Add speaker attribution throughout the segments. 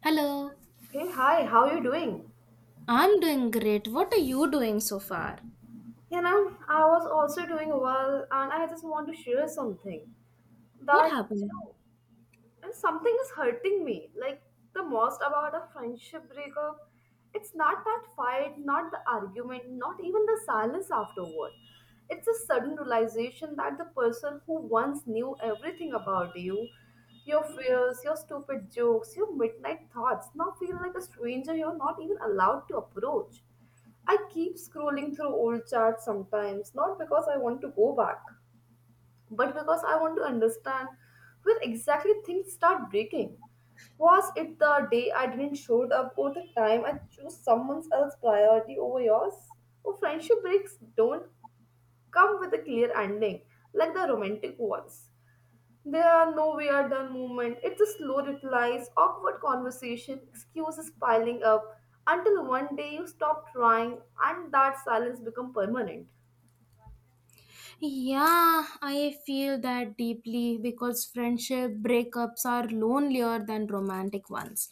Speaker 1: Hello.
Speaker 2: Hey, hi, how are you doing?
Speaker 1: I'm doing great. What are you doing so far?
Speaker 2: I was also doing well, and I just want to share something
Speaker 1: What
Speaker 2: that, you
Speaker 1: happened?
Speaker 2: know, and something is hurting me like the most about a friendship breakup. It's not that fight, not the argument, not even the silence afterward. It's a sudden realization that the person who once knew everything about you, your fears, your stupid jokes, your midnight thoughts, now feel like a stranger you're not even allowed to approach. I keep scrolling through old chats sometimes, not because I want to go back, but because I want to understand where exactly things start breaking. Was it the day I didn't show up, or the time I chose someone else's priority over yours? Or friendship breaks don't come with a clear ending like the romantic ones. There are no we are done movement. It's a slow replies, awkward conversation, excuses piling up until one day you stop trying and that silence become permanent.
Speaker 1: Yeah, I feel that deeply because friendship breakups are lonelier than romantic ones.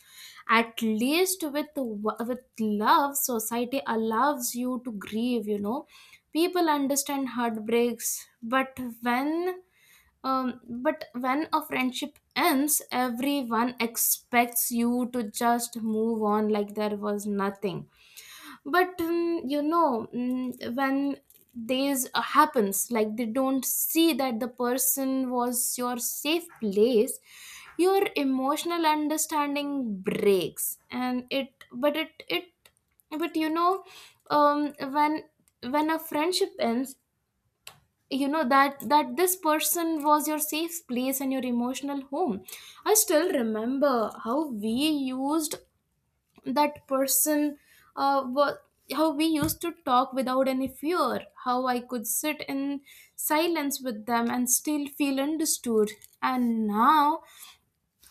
Speaker 1: At least with love, society allows you to grieve, you know. People understand heartbreaks, when but when a friendship ends, everyone expects you to just move on like there was nothing. But when this happens, like they don't see that the person was your safe place, your emotional understanding breaks. And it but it but you know um when when a friendship ends, you know that this person was your safe place and your emotional home. I still remember how we used, that person, uh, wa- how we used to talk without any fear, how I could sit in silence with them and still feel understood. And now,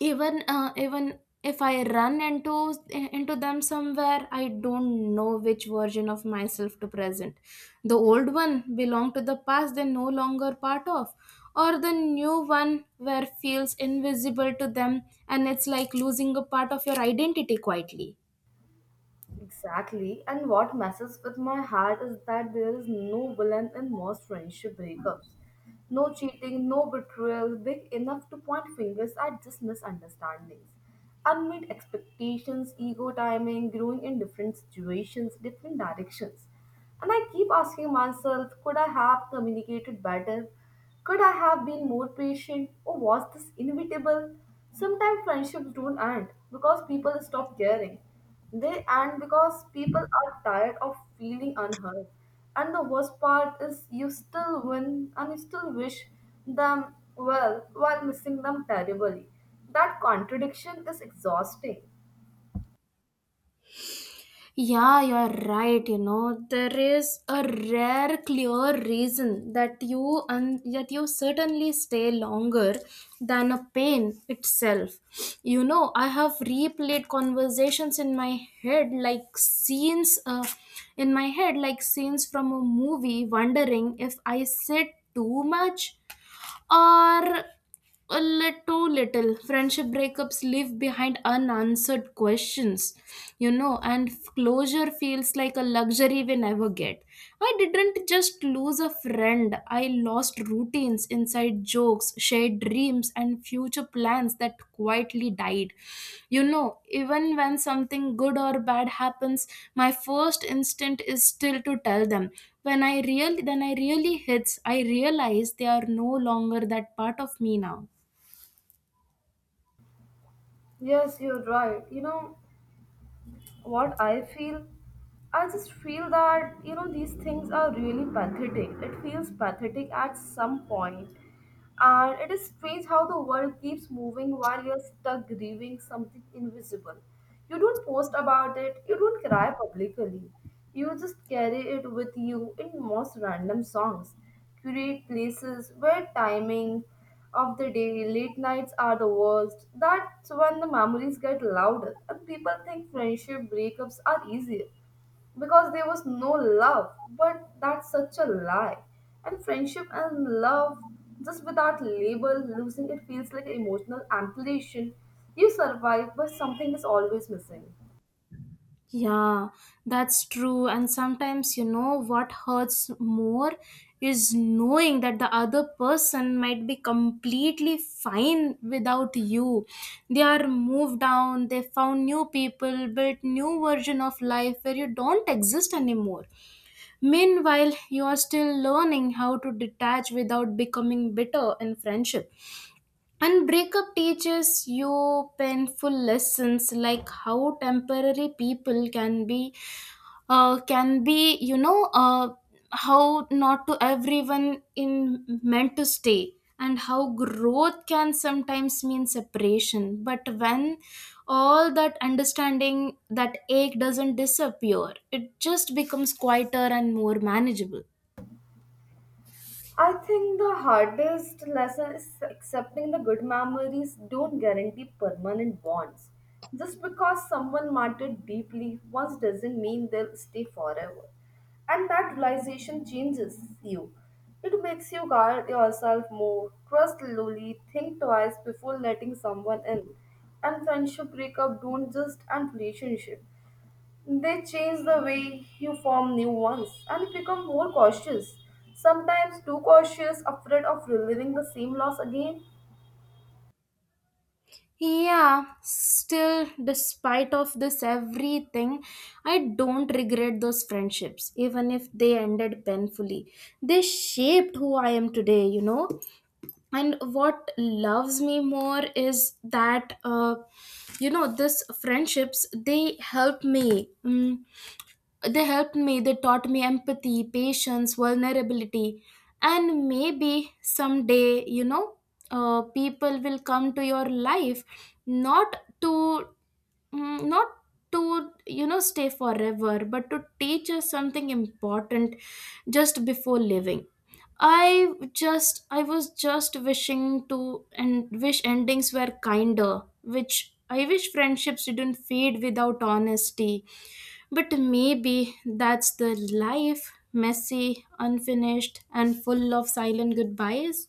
Speaker 1: even if I run into them somewhere, I don't know which version of myself to present, the old one belong to the past they're no longer part of, or the new one where feels invisible to them. And it's like losing a part of your identity quietly.
Speaker 2: Exactly. And what messes with my heart is that there is no villain in most friendship breakups. No cheating, no betrayal big enough to point fingers at, just misunderstandings. Unmet expectations, ego, timing, growing in different situations, different directions. And I keep asking myself, could I have communicated better? Could I have been more patient, or was this inevitable? Sometimes friendships don't end because people stop caring. They end because people are tired of feeling unheard. And the worst part is you still win and you still wish them well while missing them terribly. That contradiction is exhausting.
Speaker 1: Yeah, you're right. You know, there is a rare, clear reason that you certainly stay longer than a pain itself. You know, I have replayed conversations in my head like scenes from a movie, wondering if I said too much, or a little too little. Friendship breakups leave behind unanswered questions, you know, and closure feels like a luxury we never get. I didn't just lose a friend, I lost routines, inside jokes, shared dreams, and future plans that quietly died. You know, even when something good or bad happens, my first instinct is still to tell them. When I really hits, I realize they are no longer that part of me now.
Speaker 2: Yes, you're right. What I feel, I just feel that these things are really pathetic. It feels pathetic at some point, and it is strange how the world keeps moving while you're stuck grieving something invisible. You don't post about it. You don't cry publicly. You just carry it with you in most random songs. Curate places where timing of the day, late nights are the worst. That's when the memories get louder. And people think friendship breakups are easier because there was no love. But that's such a lie. And friendship and love, just without label, losing it feels like emotional amputation. You survive, but something is always missing.
Speaker 1: Yeah, that's true. And sometimes, you know, what hurts more is knowing that the other person might be completely fine without you. They are moved down, they found new people, built new version of life where you don't exist anymore. Meanwhile, you are still learning how to detach without becoming bitter in friendship. And breakup teaches you painful lessons, like how temporary people can be, how not to everyone in meant to stay, and how growth can sometimes mean separation. But when all that understanding, that ache doesn't disappear, it just becomes quieter and more manageable.
Speaker 2: I think the hardest lesson is accepting the good memories don't guarantee permanent bonds. Just because someone mattered deeply once doesn't mean they'll stay forever. And that realization changes you. It makes you guard yourself more, trust slowly, think twice before letting someone in. And friendship breakup don't just end relationship. They change the way you form new ones and become more cautious. Sometimes too cautious, afraid of reliving the same loss again.
Speaker 1: Yeah, still despite of this everything, I don't regret those friendships even if they ended painfully. They shaped who I am today, you know. And what loves me more is that, you know, this friendships they help me. They helped me, they taught me empathy, patience, vulnerability. And maybe someday, you know, people will come to your life, not to, not to, you know, stay forever, but to teach us something important just before leaving. I was just wishing to, and wish endings were kinder, which I wish friendships didn't fade without honesty. But maybe that's the life, messy, unfinished, and full of silent goodbyes.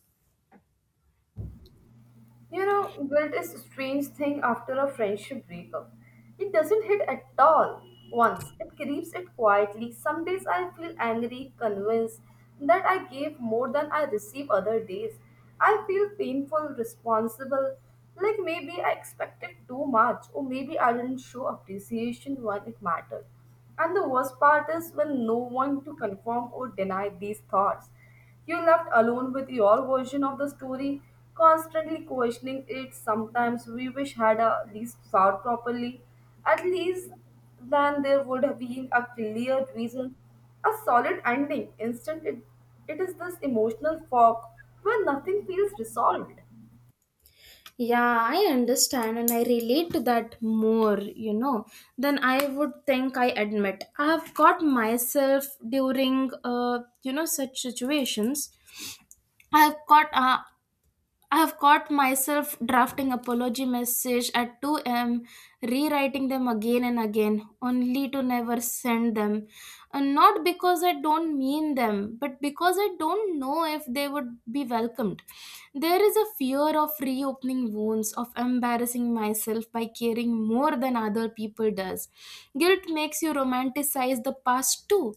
Speaker 2: You know, guilt is a strange thing after a friendship breakup. It doesn't hit at all once, it creeps it quietly. Some days I feel angry, convinced that I gave more than I receive other days. I feel painful, responsible, like maybe I expected too much, or maybe I didn't show appreciation when it mattered. And the worst part is when no one to confirm or deny these thoughts. You're left alone with your version of the story, constantly questioning it. Sometimes we wish had a least thought properly. At least then there would have been a clear reason, a solid ending. Instead, it is this emotional fog where nothing feels resolved.
Speaker 1: Yeah, I understand and I relate to that more, you know, than I would think I admit. I have caught myself during, you know, such situations. I have caught uh, I have caught myself drafting apology message at 2 a.m., rewriting them again and again, only to never send them. And not because I don't mean them, but because I don't know if they would be welcomed. There is a fear of reopening wounds, of embarrassing myself by caring more than other people does. Guilt makes you romanticize the past too.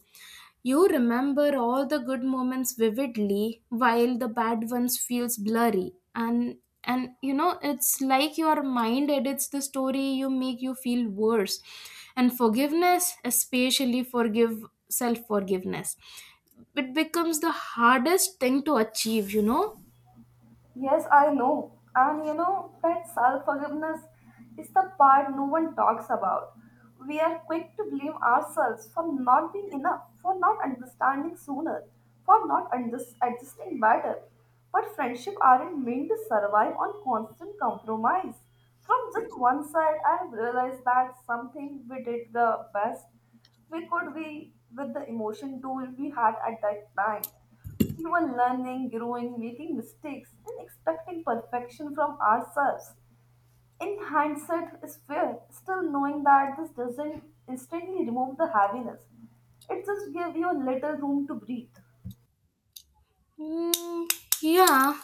Speaker 1: You remember all the good moments vividly while the bad ones feels blurry. And you know, it's like your mind edits the story, you make you feel worse. And forgiveness, especially forgive self forgiveness, it becomes the hardest thing to achieve, you know.
Speaker 2: Yes, I know. And you know that self forgiveness is the part no one talks about. We are quick to blame ourselves for not being enough, for not understanding sooner, for not unders- adjusting better. But friendship aren't meant to survive on constant compromise. From just one side, I have realized that something we did the best we could be with the emotion tool we had at that time. We were learning, growing, making mistakes, and expecting perfection from ourselves. In hindsight, is fair, still knowing that this doesn't instantly remove the heaviness. It just gives you a little room to breathe.
Speaker 1: Mm, yeah,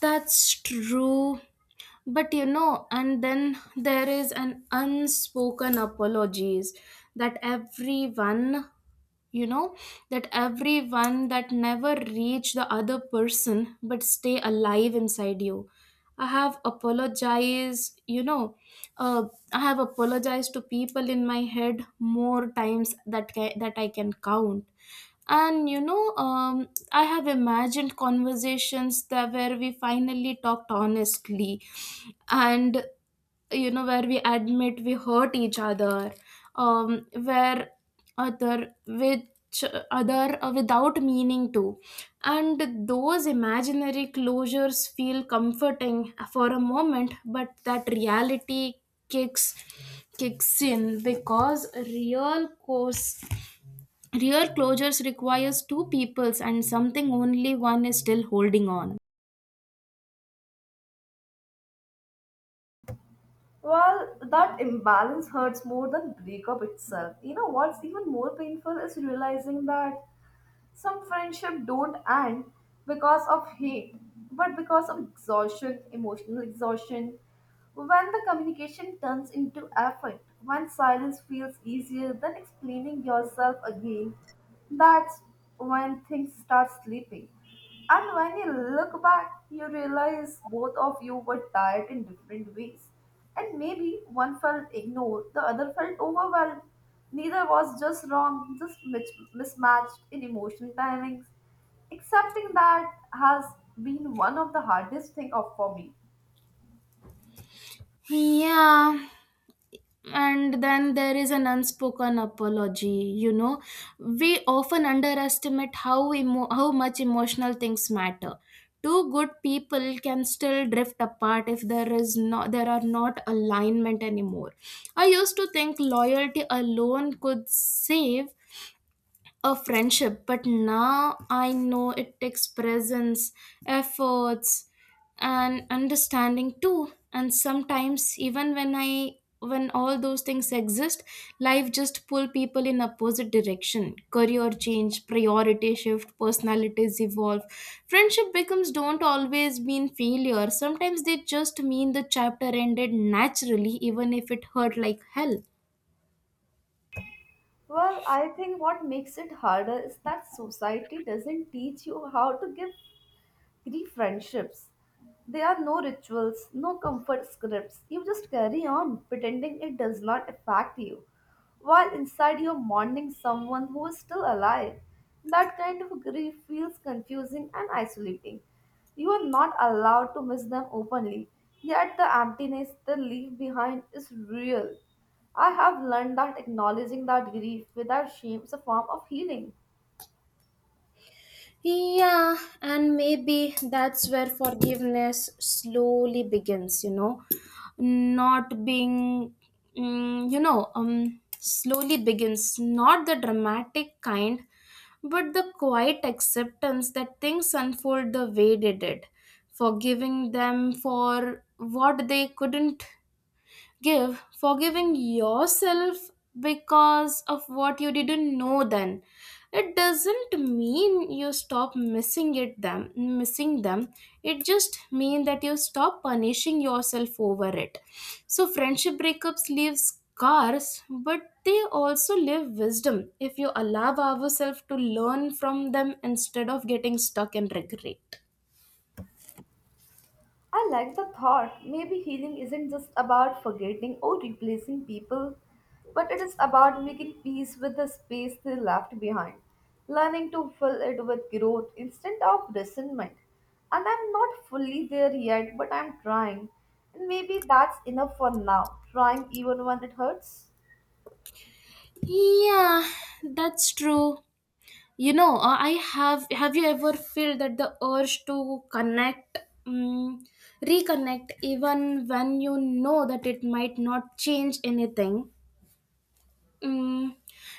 Speaker 1: that's true. But you know, and then there is an unspoken apologies that everyone, you know, that never reach the other person but stay alive inside you. I have apologized, you know, uh, I have apologized to people in my head more times that I can count. And you know, I have imagined conversations that where we finally talked honestly, and you know, where we admit we hurt each other, where other which other without meaning to. And those imaginary closures feel comforting for a moment, but that reality kicks kicks in, because real course, real closures requires two peoples, and something only one is still holding on.
Speaker 2: Well, that imbalance hurts more than breakup itself. You know what's even more painful is realizing that some friendship don't end because of hate, but because of exhaustion, emotional exhaustion. When the communication turns into effort, when silence feels easier than explaining yourself again, that's when things start slipping. And when you look back, you realize both of you were tired in different ways. And maybe one felt ignored, the other felt overwhelmed. Neither was just wrong, just mismatched in emotion timings. Accepting that has been one of the hardest thing of for me.
Speaker 1: Yeah. And then there is an unspoken apology. You know, we often underestimate how much emotional things matter. Two good people can still drift apart if there are not alignment anymore. I used to think loyalty alone could save a friendship, but now I know it takes presence, efforts, and understanding too. And sometimes, even when I when all those things exist, life just pull people in opposite direction. Career change, priority shift, personalities evolve. Friendship becomes don't always mean failure. Sometimes they just mean the chapter ended naturally, even if it hurt like hell.
Speaker 2: Well, I think what makes it harder is that society doesn't teach you how to give three friendships. There are no rituals, no comfort scripts. You just carry on, pretending it does not affect you. While inside you're mourning someone who is still alive. That kind of grief feels confusing and isolating. You are not allowed to miss them openly, yet the emptiness they leave behind is real. I have learned that acknowledging that grief without shame is a form of healing.
Speaker 1: Yeah, and maybe that's where forgiveness slowly begins, you know, not being, mm, you know, slowly begins, not the dramatic kind, but the quiet acceptance that things unfold the way they did, forgiving them for what they couldn't give, forgiving yourself because of what you didn't know then. It doesn't mean you stop missing them, it just mean that you stop punishing yourself over it. So friendship breakups leave scars, but they also leave wisdom if you allow ourselves to learn from them instead of getting stuck in regret.
Speaker 2: I like the thought. Maybe healing isn't just about forgetting or replacing people, but it is about making peace with the space they left behind, learning to fill it with growth instead of resentment. And I'm not fully there yet, but I'm trying. And maybe that's enough for now, trying even when it hurts.
Speaker 1: Yeah, that's true. You know, I have. Have you ever felt that the urge to connect, um, reconnect, even when you know that it might not change anything? Mm,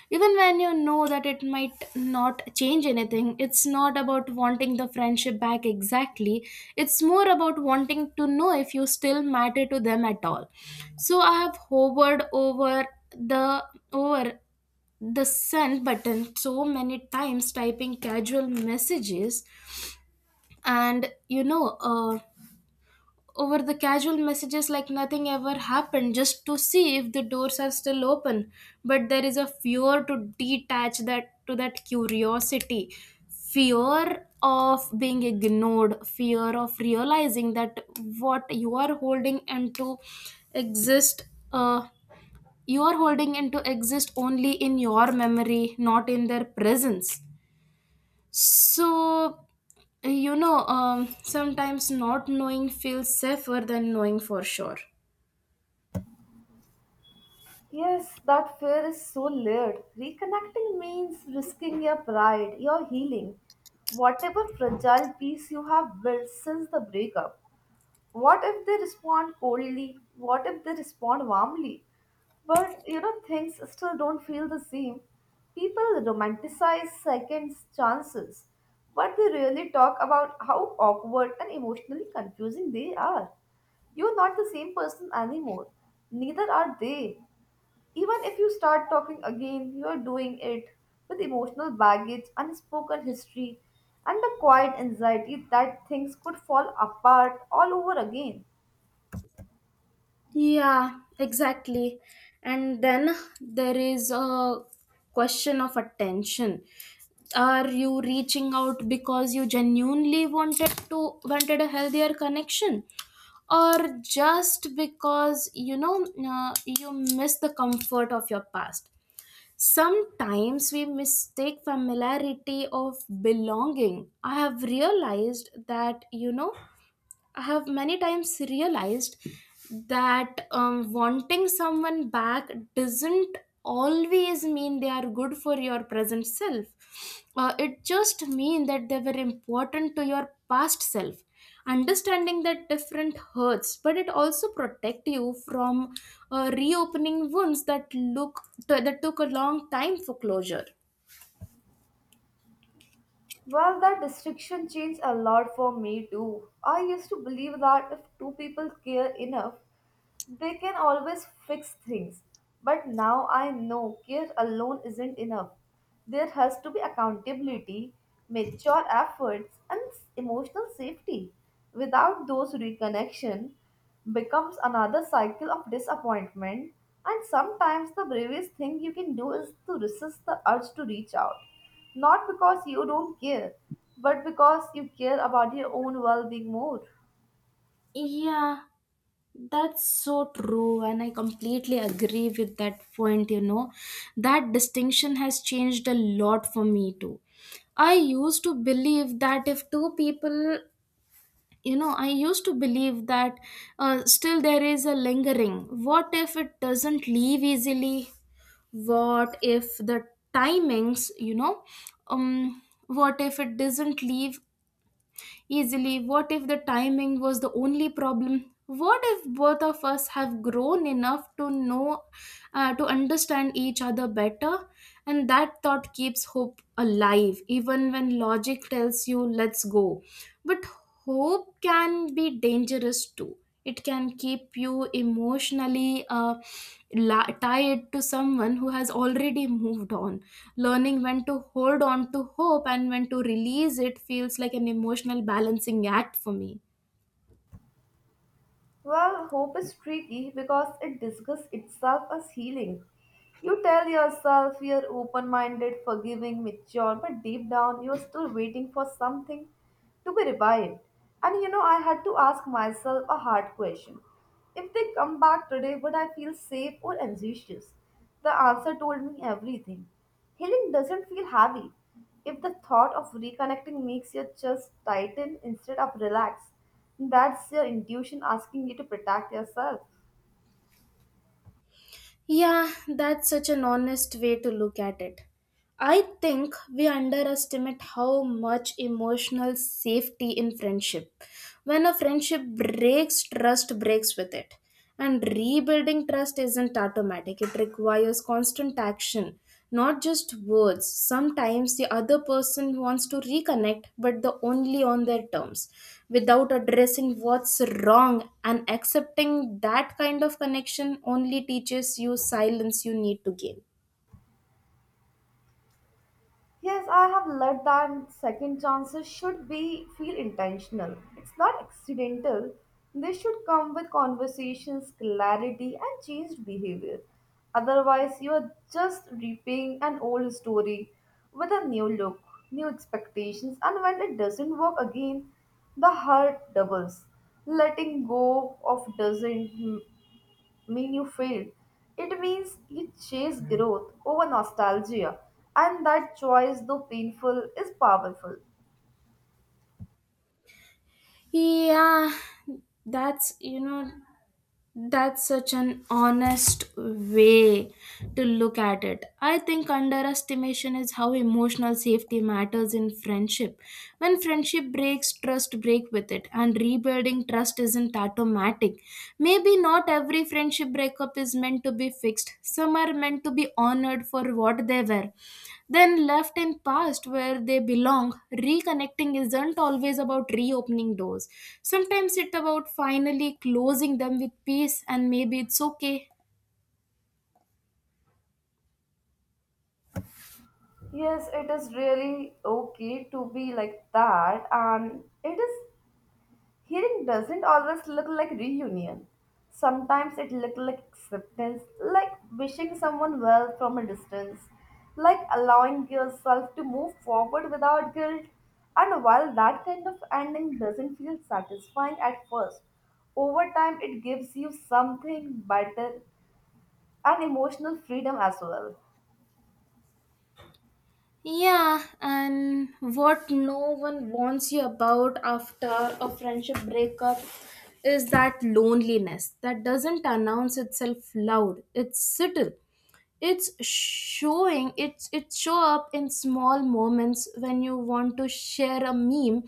Speaker 1: Even when you know that it might not change anything, it's not about wanting the friendship back exactly. It's more about wanting to know if you still matter to them at all. So I have hovered the over the send button so many times, typing casual messages. And you know, over the casual messages like nothing ever happened, just to see if the doors are still open. But there is a fear to detach that to that curiosity, fear of being ignored, fear of realizing that what you are holding and to exist you are holding into exist only in your memory, not in their presence. So you know, sometimes not knowing feels safer than knowing for sure.
Speaker 2: Yes, that fear is so layered. Reconnecting means risking your pride, your healing, whatever fragile peace you have built since the breakup. What if they respond coldly? What if they respond warmly? But you know, things still don't feel the same. People romanticize second chances, but they really talk about how awkward and emotionally confusing they are. You're not the same person anymore. Neither are they. Even if you start talking again, you are doing it with emotional baggage, unspoken history, and the quiet anxiety that things could fall apart all over again.
Speaker 1: Yeah, exactly. And then there is a question of attention. Are you reaching out because you genuinely wanted a healthier connection, or just because, you know, you miss the comfort of your past? Sometimes we mistake familiarity of belonging. I have realized that, you know, I have many times realized that, wanting someone back doesn't always mean they are good for your present self. It just means that they were important to your past self. Understanding that different hurts, but it also protect you from reopening wounds that took a long time for closure.
Speaker 2: Well, that restriction changed a lot for me too. I used to believe that if two people care enough, they can always fix things, but now I know care alone isn't enough. There has to be accountability, mature efforts, and emotional safety. Without those reconnection becomes another cycle of disappointment, and sometimes the bravest thing you can do is to resist the urge to reach out. Not because you don't care, but because you care about your own well being more.
Speaker 1: Yeah, that's so true, and I completely agree with that point. You know, that distinction has changed a lot for me too. I used to believe that if two people, you know, I used to believe that, still there is a lingering. What if it doesn't leave easily? What if the timings, you know, um, what if it doesn't leave easily? What if the timing was the only problem? What if both of us have grown enough to know, to understand each other better? And that thought keeps hope alive, even when logic tells you, let's go. But hope can be dangerous too. It can keep you emotionally tied to someone who has already moved on. Learning when to hold on to hope and when to release it feels like an emotional balancing act for me.
Speaker 2: Well, hope is tricky because it disguises itself as healing. You tell yourself you're open minded, forgiving, mature, but deep down you're still waiting for something to be revived. And you know, I had to ask myself a hard question. If they come back today, would I feel safe or anxious? The answer told me everything. Healing doesn't feel heavy. If the thought of reconnecting makes your chest tighten instead of relax, that's your intuition asking you to protect yourself.
Speaker 1: Yeah, that's such an honest way to look at it. I think we underestimate how much emotional safety in friendship. When a friendship breaks, trust breaks with it. And rebuilding trust isn't automatic, it requires constant action. Not just words, sometimes the other person wants to reconnect, but the only on their terms, without addressing what's wrong. And accepting that kind of connection only teaches you silence you need to gain.
Speaker 2: Yes, I have learned that second chances should be feel intentional. It's not accidental. They should come with conversations, clarity, and changed behavior. Otherwise, you are just repaying an old story with a new look, new expectations, and when it doesn't work again, the hurt doubles. Letting go of doesn't mean you failed. It means you chase growth over nostalgia, and that choice, though painful, is powerful.
Speaker 1: Yeah, that's you know That's such an honest way to look at it. I think underestimation is how emotional safety matters in friendship. When friendship breaks, trust break with it, and rebuilding trust isn't automatic. Maybe not every friendship breakup is meant to be fixed. Some are meant to be honored for what they were, then left in past where they belong. Reconnecting isn't always about reopening doors, sometimes it's about finally closing them with peace. And maybe it's okay.
Speaker 2: Yes, it is really okay to be like that, and it is healing doesn't always look like reunion. Sometimes it looks like acceptance, like wishing someone well from a distance, like allowing yourself to move forward without guilt. And while that kind of ending doesn't feel satisfying at first, over time it gives you something better and emotional freedom as well.
Speaker 1: Yeah. And what no one warns you about after a friendship breakup is that loneliness that doesn't announce itself loud. It's subtle. It show up in small moments when you want to share a meme,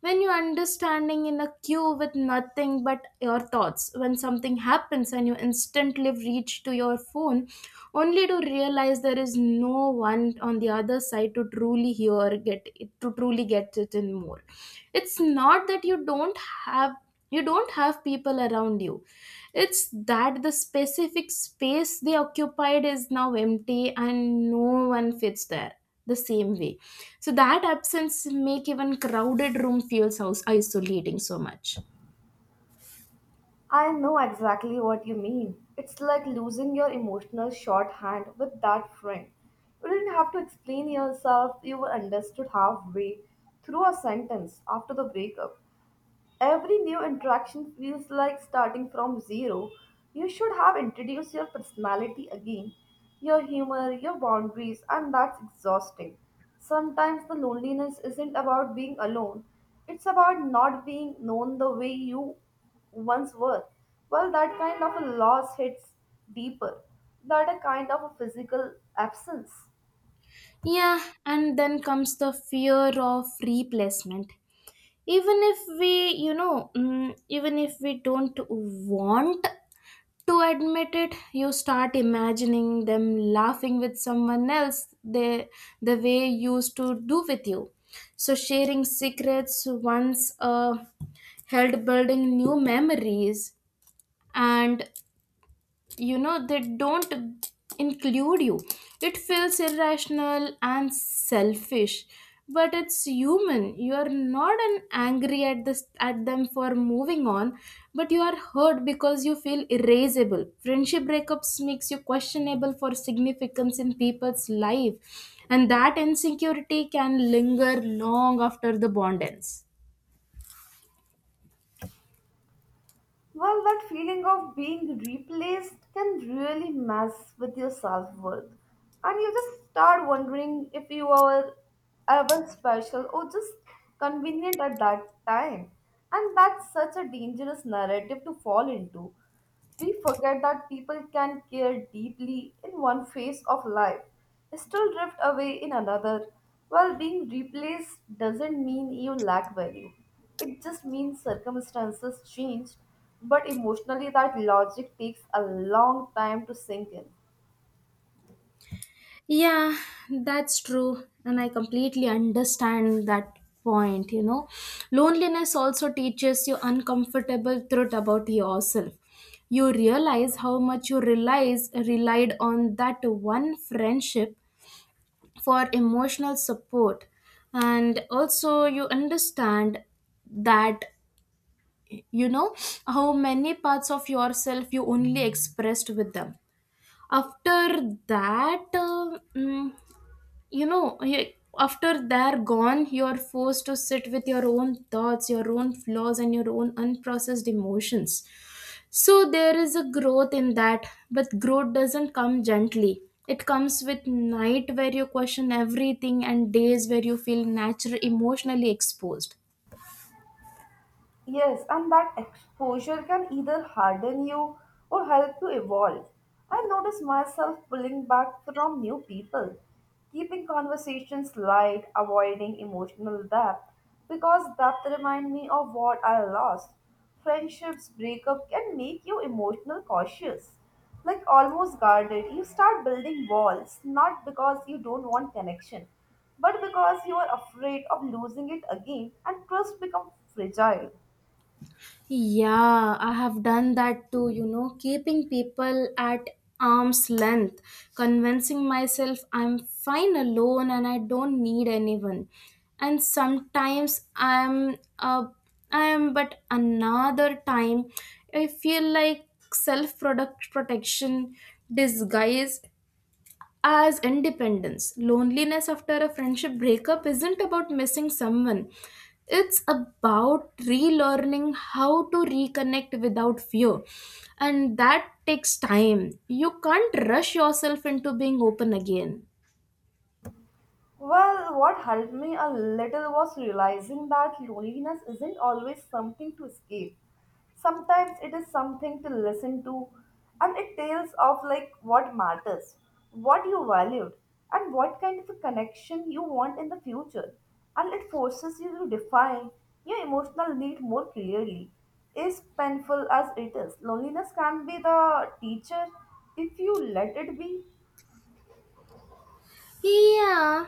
Speaker 1: when you're understanding in a queue with nothing but your thoughts, when something happens and you instantly reach to your phone only to realize there is no one on the other side to truly hear get to truly get it in more. It's not that have you don't have people around you, it's that the specific space they occupied is now empty and no one fits there the same way. So that absence make even crowded room feels house isolating so much.
Speaker 2: I know exactly what you mean. It's like losing your emotional shorthand with that friend. You didn't have to explain yourself, you were understood halfway through a sentence after the breakup. Every new interaction feels like starting from zero. You should have introduced your personality again, your humor, your boundaries, and that's exhausting. Sometimes the loneliness isn't about being alone, it's about not being known the way you once were. Well, that kind of a loss hits deeper than a kind of a physical absence.
Speaker 1: Yeah. And then comes the fear of replacement, even if we even if we don't want to admit it. You start imagining them laughing with someone else, they, the way used to do with you. So sharing secrets once held, building new memories and, they don't include you. It feels irrational and selfish, but it's human. You are not an angry at this at them for moving on, but you are hurt because you feel irascible. Friendship breakups makes you questionable for significance in people's life, and that insecurity can linger long after the bond ends.
Speaker 2: Well, that feeling of being replaced can really mess with your self worth. And you just start wondering if you are ever special or just convenient at that time. And that's such a dangerous narrative to fall into. We forget that people can care deeply in one phase of life, still drift away in another. While being replaced doesn't mean you lack value, it just means circumstances changed. But emotionally, that logic takes a long time to sink in.
Speaker 1: Yeah, that's true. And I completely understand that point, Loneliness also teaches you uncomfortable truth about yourself. You realize how much you relies relied on that one friendship for emotional support. And also you understand that, you know how many parts of yourself you only expressed with them. After that mm, you know you- After they're gone, you're forced to sit with your own thoughts, your own flaws, and your own unprocessed emotions. So there is a growth in that, but growth doesn't come gently. It comes with night where you question everything and days where you feel naturally emotionally exposed.
Speaker 2: Yes, and that exposure can either harden you or help you evolve. I notice myself pulling back from new people, keeping conversations light, avoiding emotional depth, because depth remind me of what I lost. Friendships breakup can make you emotional cautious, like almost guarded. You start building walls, not because you don't want connection, but because you are afraid of losing it again and trust become fragile.
Speaker 1: Yeah, I have done that too, keeping people at arm's length, convincing myself I'm fine alone and I don't need anyone. And sometimes I'm but another time I feel like self product protection disguised as independence. Loneliness after a friendship breakup isn't about missing someone, it's about relearning how to reconnect without fear. And that takes time. You can't rush yourself into being open again.
Speaker 2: Well, what helped me a little was realizing that loneliness isn't always something to escape. Sometimes it is something to listen to, and it tells of like what matters, what you valued, and what kind of a connection you want in the future. And it forces you to define your emotional need more clearly. As painful as it is, loneliness can be the teacher if you let it be.
Speaker 1: Yeah,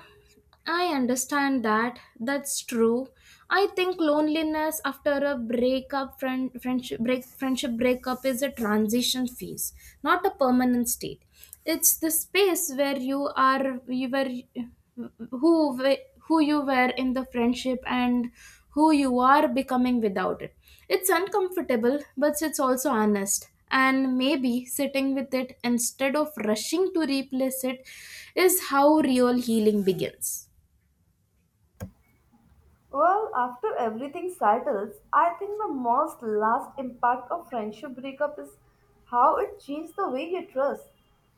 Speaker 1: I understand that. That's true. I think loneliness after a breakup, friend, friendship, break, friendship breakup is a transition phase, not a permanent state. It's the space where you are, you were- who you were in the friendship and who you are becoming without it. It's uncomfortable, but it's also honest. And maybe sitting with it instead of rushing to replace it is how real healing begins.
Speaker 2: Well, after everything settles, I think the most last impact of friendship breakup is how it changed the way you trust.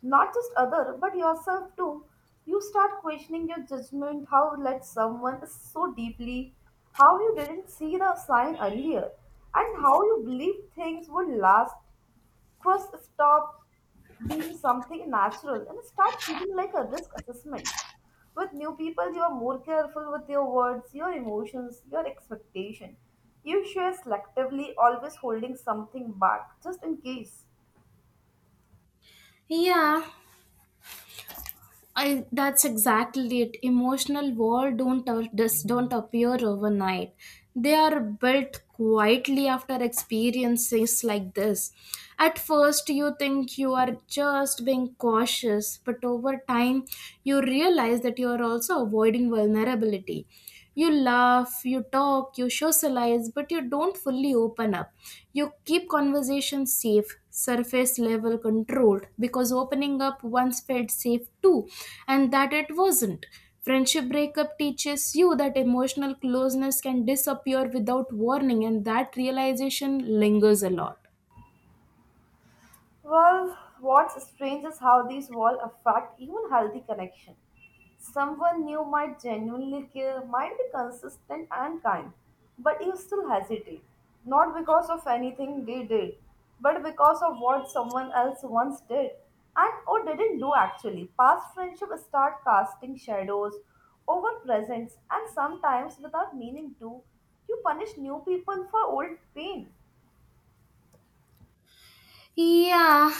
Speaker 2: Not just other, but yourself too. You start questioning your judgment, how you let someone is so deeply, how you didn't see the sign earlier, and how you believe things would last. Trust stop being something natural and start feeling like a risk assessment. With new people, you are more careful with your words, your emotions, your expectation. You share selectively, always holding something back, just in case.
Speaker 1: Yeah, that's exactly it. Emotional walls don't a- just don't appear overnight. They are built quietly after experiences like this. At first, you think you are just being cautious, but over time, you realize that you are also avoiding vulnerability. You laugh, you talk, you socialize, but you don't fully open up. You keep conversations safe, surface level controlled, because opening up once felt safe too, and that it wasn't. Friendship breakup teaches you that emotional closeness can disappear without warning, and that realization lingers a lot.
Speaker 2: Well, what's strange is how these walls affect even healthy connection. Someone new might genuinely care, might be consistent and kind, but you still hesitate. Not because of anything they did, but because of what someone else once did and or didn't do actually. Past friendship start casting shadows over presents and sometimes without meaning to. You punish new people for old pain.
Speaker 1: Yeah,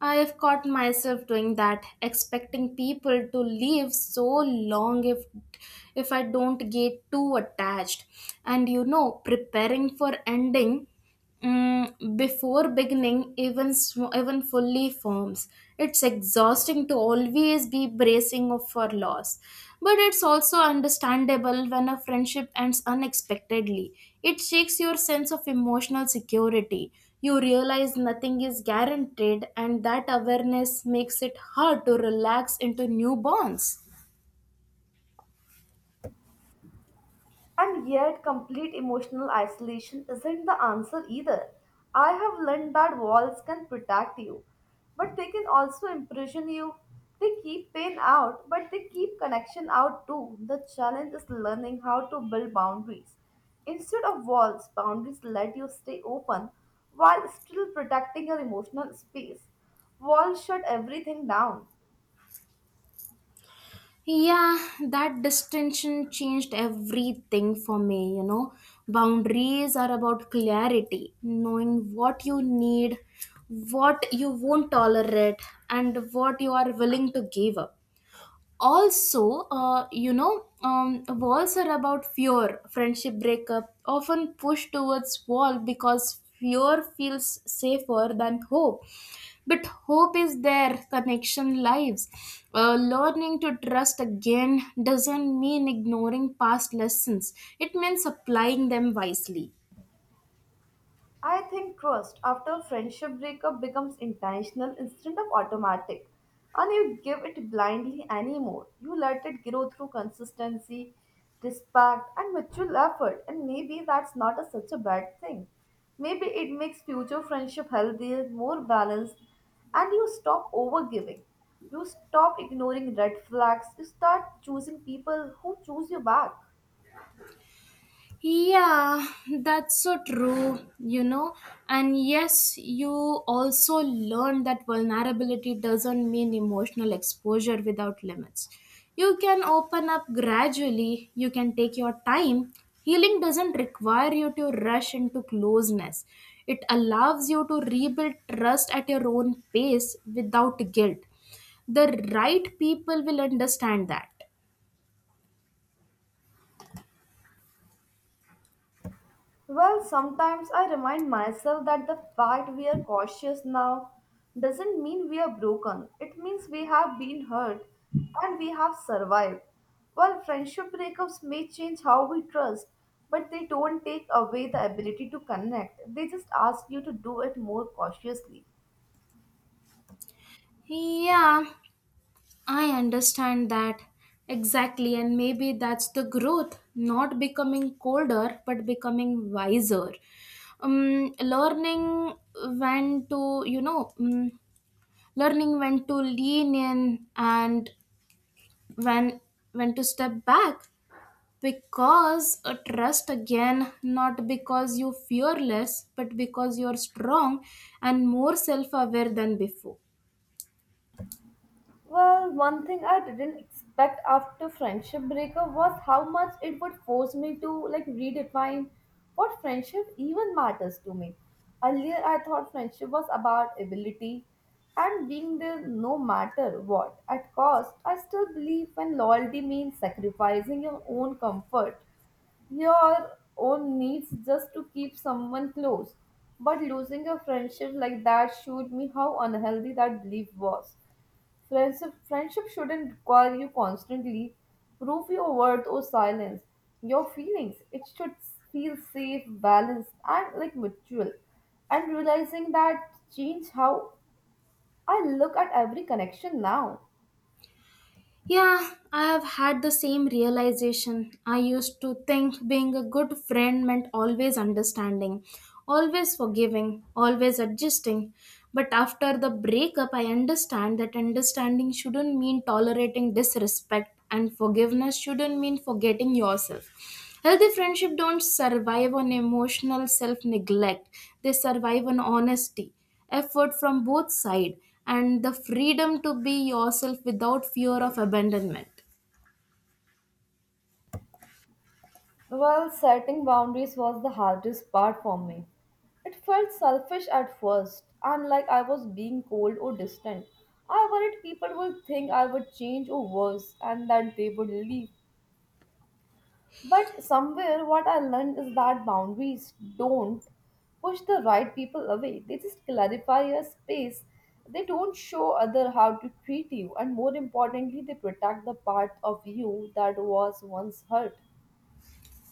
Speaker 1: I have caught myself doing that, expecting people to live so long if I don't get too attached. And, preparing for ending before beginning even fully forms. It's exhausting to always be bracing of for loss. But it's also understandable when a friendship ends unexpectedly. It shakes your sense of emotional security. You realize nothing is guaranteed, and that awareness makes it hard to relax into new bonds.
Speaker 2: And yet, complete emotional isolation isn't the answer either. I have learned that walls can protect you, but they can also imprison you. They keep pain out, but they keep connection out too. The challenge is learning how to build boundaries. Instead of walls, boundaries let you stay open while still protecting your emotional space. Walls shut everything down.
Speaker 1: Yeah, that distinction changed everything for me, Boundaries are about clarity, knowing what you need, what you won't tolerate, and what you are willing to give up. Also, walls are about fear. Friendship breakup often push towards wall because fear feels safer than hope, but hope is there connection lives. Learning to trust again doesn't mean ignoring past lessons, it means applying them wisely.
Speaker 2: I think trust after a friendship breakup becomes intentional instead of automatic, and you give it blindly anymore. You let it grow through consistency, respect, and mutual effort, and maybe that's not a, such a bad thing. Maybe it makes future friendship healthier, more balanced, and you stop overgiving. You stop ignoring red flags. You start choosing people who choose you back.
Speaker 1: Yeah, that's so true, And yes, you also learn that vulnerability doesn't mean emotional exposure without limits. You can open up gradually, you can take your time. Healing doesn't require you to rush into closeness, it allows you to rebuild trust at your own pace without guilt. The right people will understand that.
Speaker 2: Well, sometimes I remind myself that the fact we are cautious now doesn't mean we are broken. It means we have been hurt and we have survived. While friendship breakups may change how we trust, but they don't take away the ability to connect. They just ask you to do it more cautiously.
Speaker 1: Yeah, I understand that exactly, and maybe that's the growth, not becoming colder but becoming wiser. Learning when to, learning when to lean in and when when to step back, because trust again not because you fearless but because you're strong and more self-aware than before.
Speaker 2: Well, one thing I didn't expect after friendship breakup was how much it would force me to like redefine what friendship even matters to me. Earlier, I thought friendship was about ability and being there no matter what. At cost, I still believe when loyalty means sacrificing your own comfort, your own needs just to keep someone close. But losing a friendship like that showed me how unhealthy that belief was. Friendship shouldn't require you constantly prove your worth or silence your feelings. It should feel safe, balanced, and like mutual. And realizing that changed how I look at every connection now.
Speaker 1: Yeah, I have had the same realization. I used to think being a good friend meant always understanding, always forgiving, always adjusting. But after the breakup, I understand that understanding shouldn't mean tolerating disrespect, and forgiveness shouldn't mean forgetting yourself. Healthy friendship don't survive on emotional self-neglect. They survive on honesty, effort from both sides, and the freedom to be yourself without fear of abandonment.
Speaker 2: Well, setting boundaries was the hardest part for me. It felt selfish at first, and like I was being cold or distant. I worried people would think I would change or worse, and that they would leave. But somewhere, what I learned is that boundaries don't push the right people away. They just clarify your space. They don't show other how to treat you, and more importantly, they protect the part of you that was once hurt.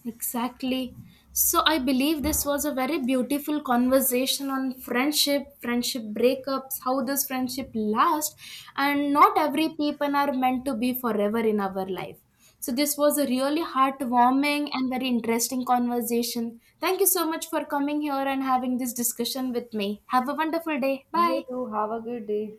Speaker 1: Exactly. So I believe this was a very beautiful conversation on friendship breakups, how this friendship lasts, and not every people are meant to be forever in our life. So this was a really heartwarming and very interesting conversation. Thank you so much for coming here and having this discussion with me. Have a wonderful day.
Speaker 2: You
Speaker 1: Bye.
Speaker 2: too. Have a good day.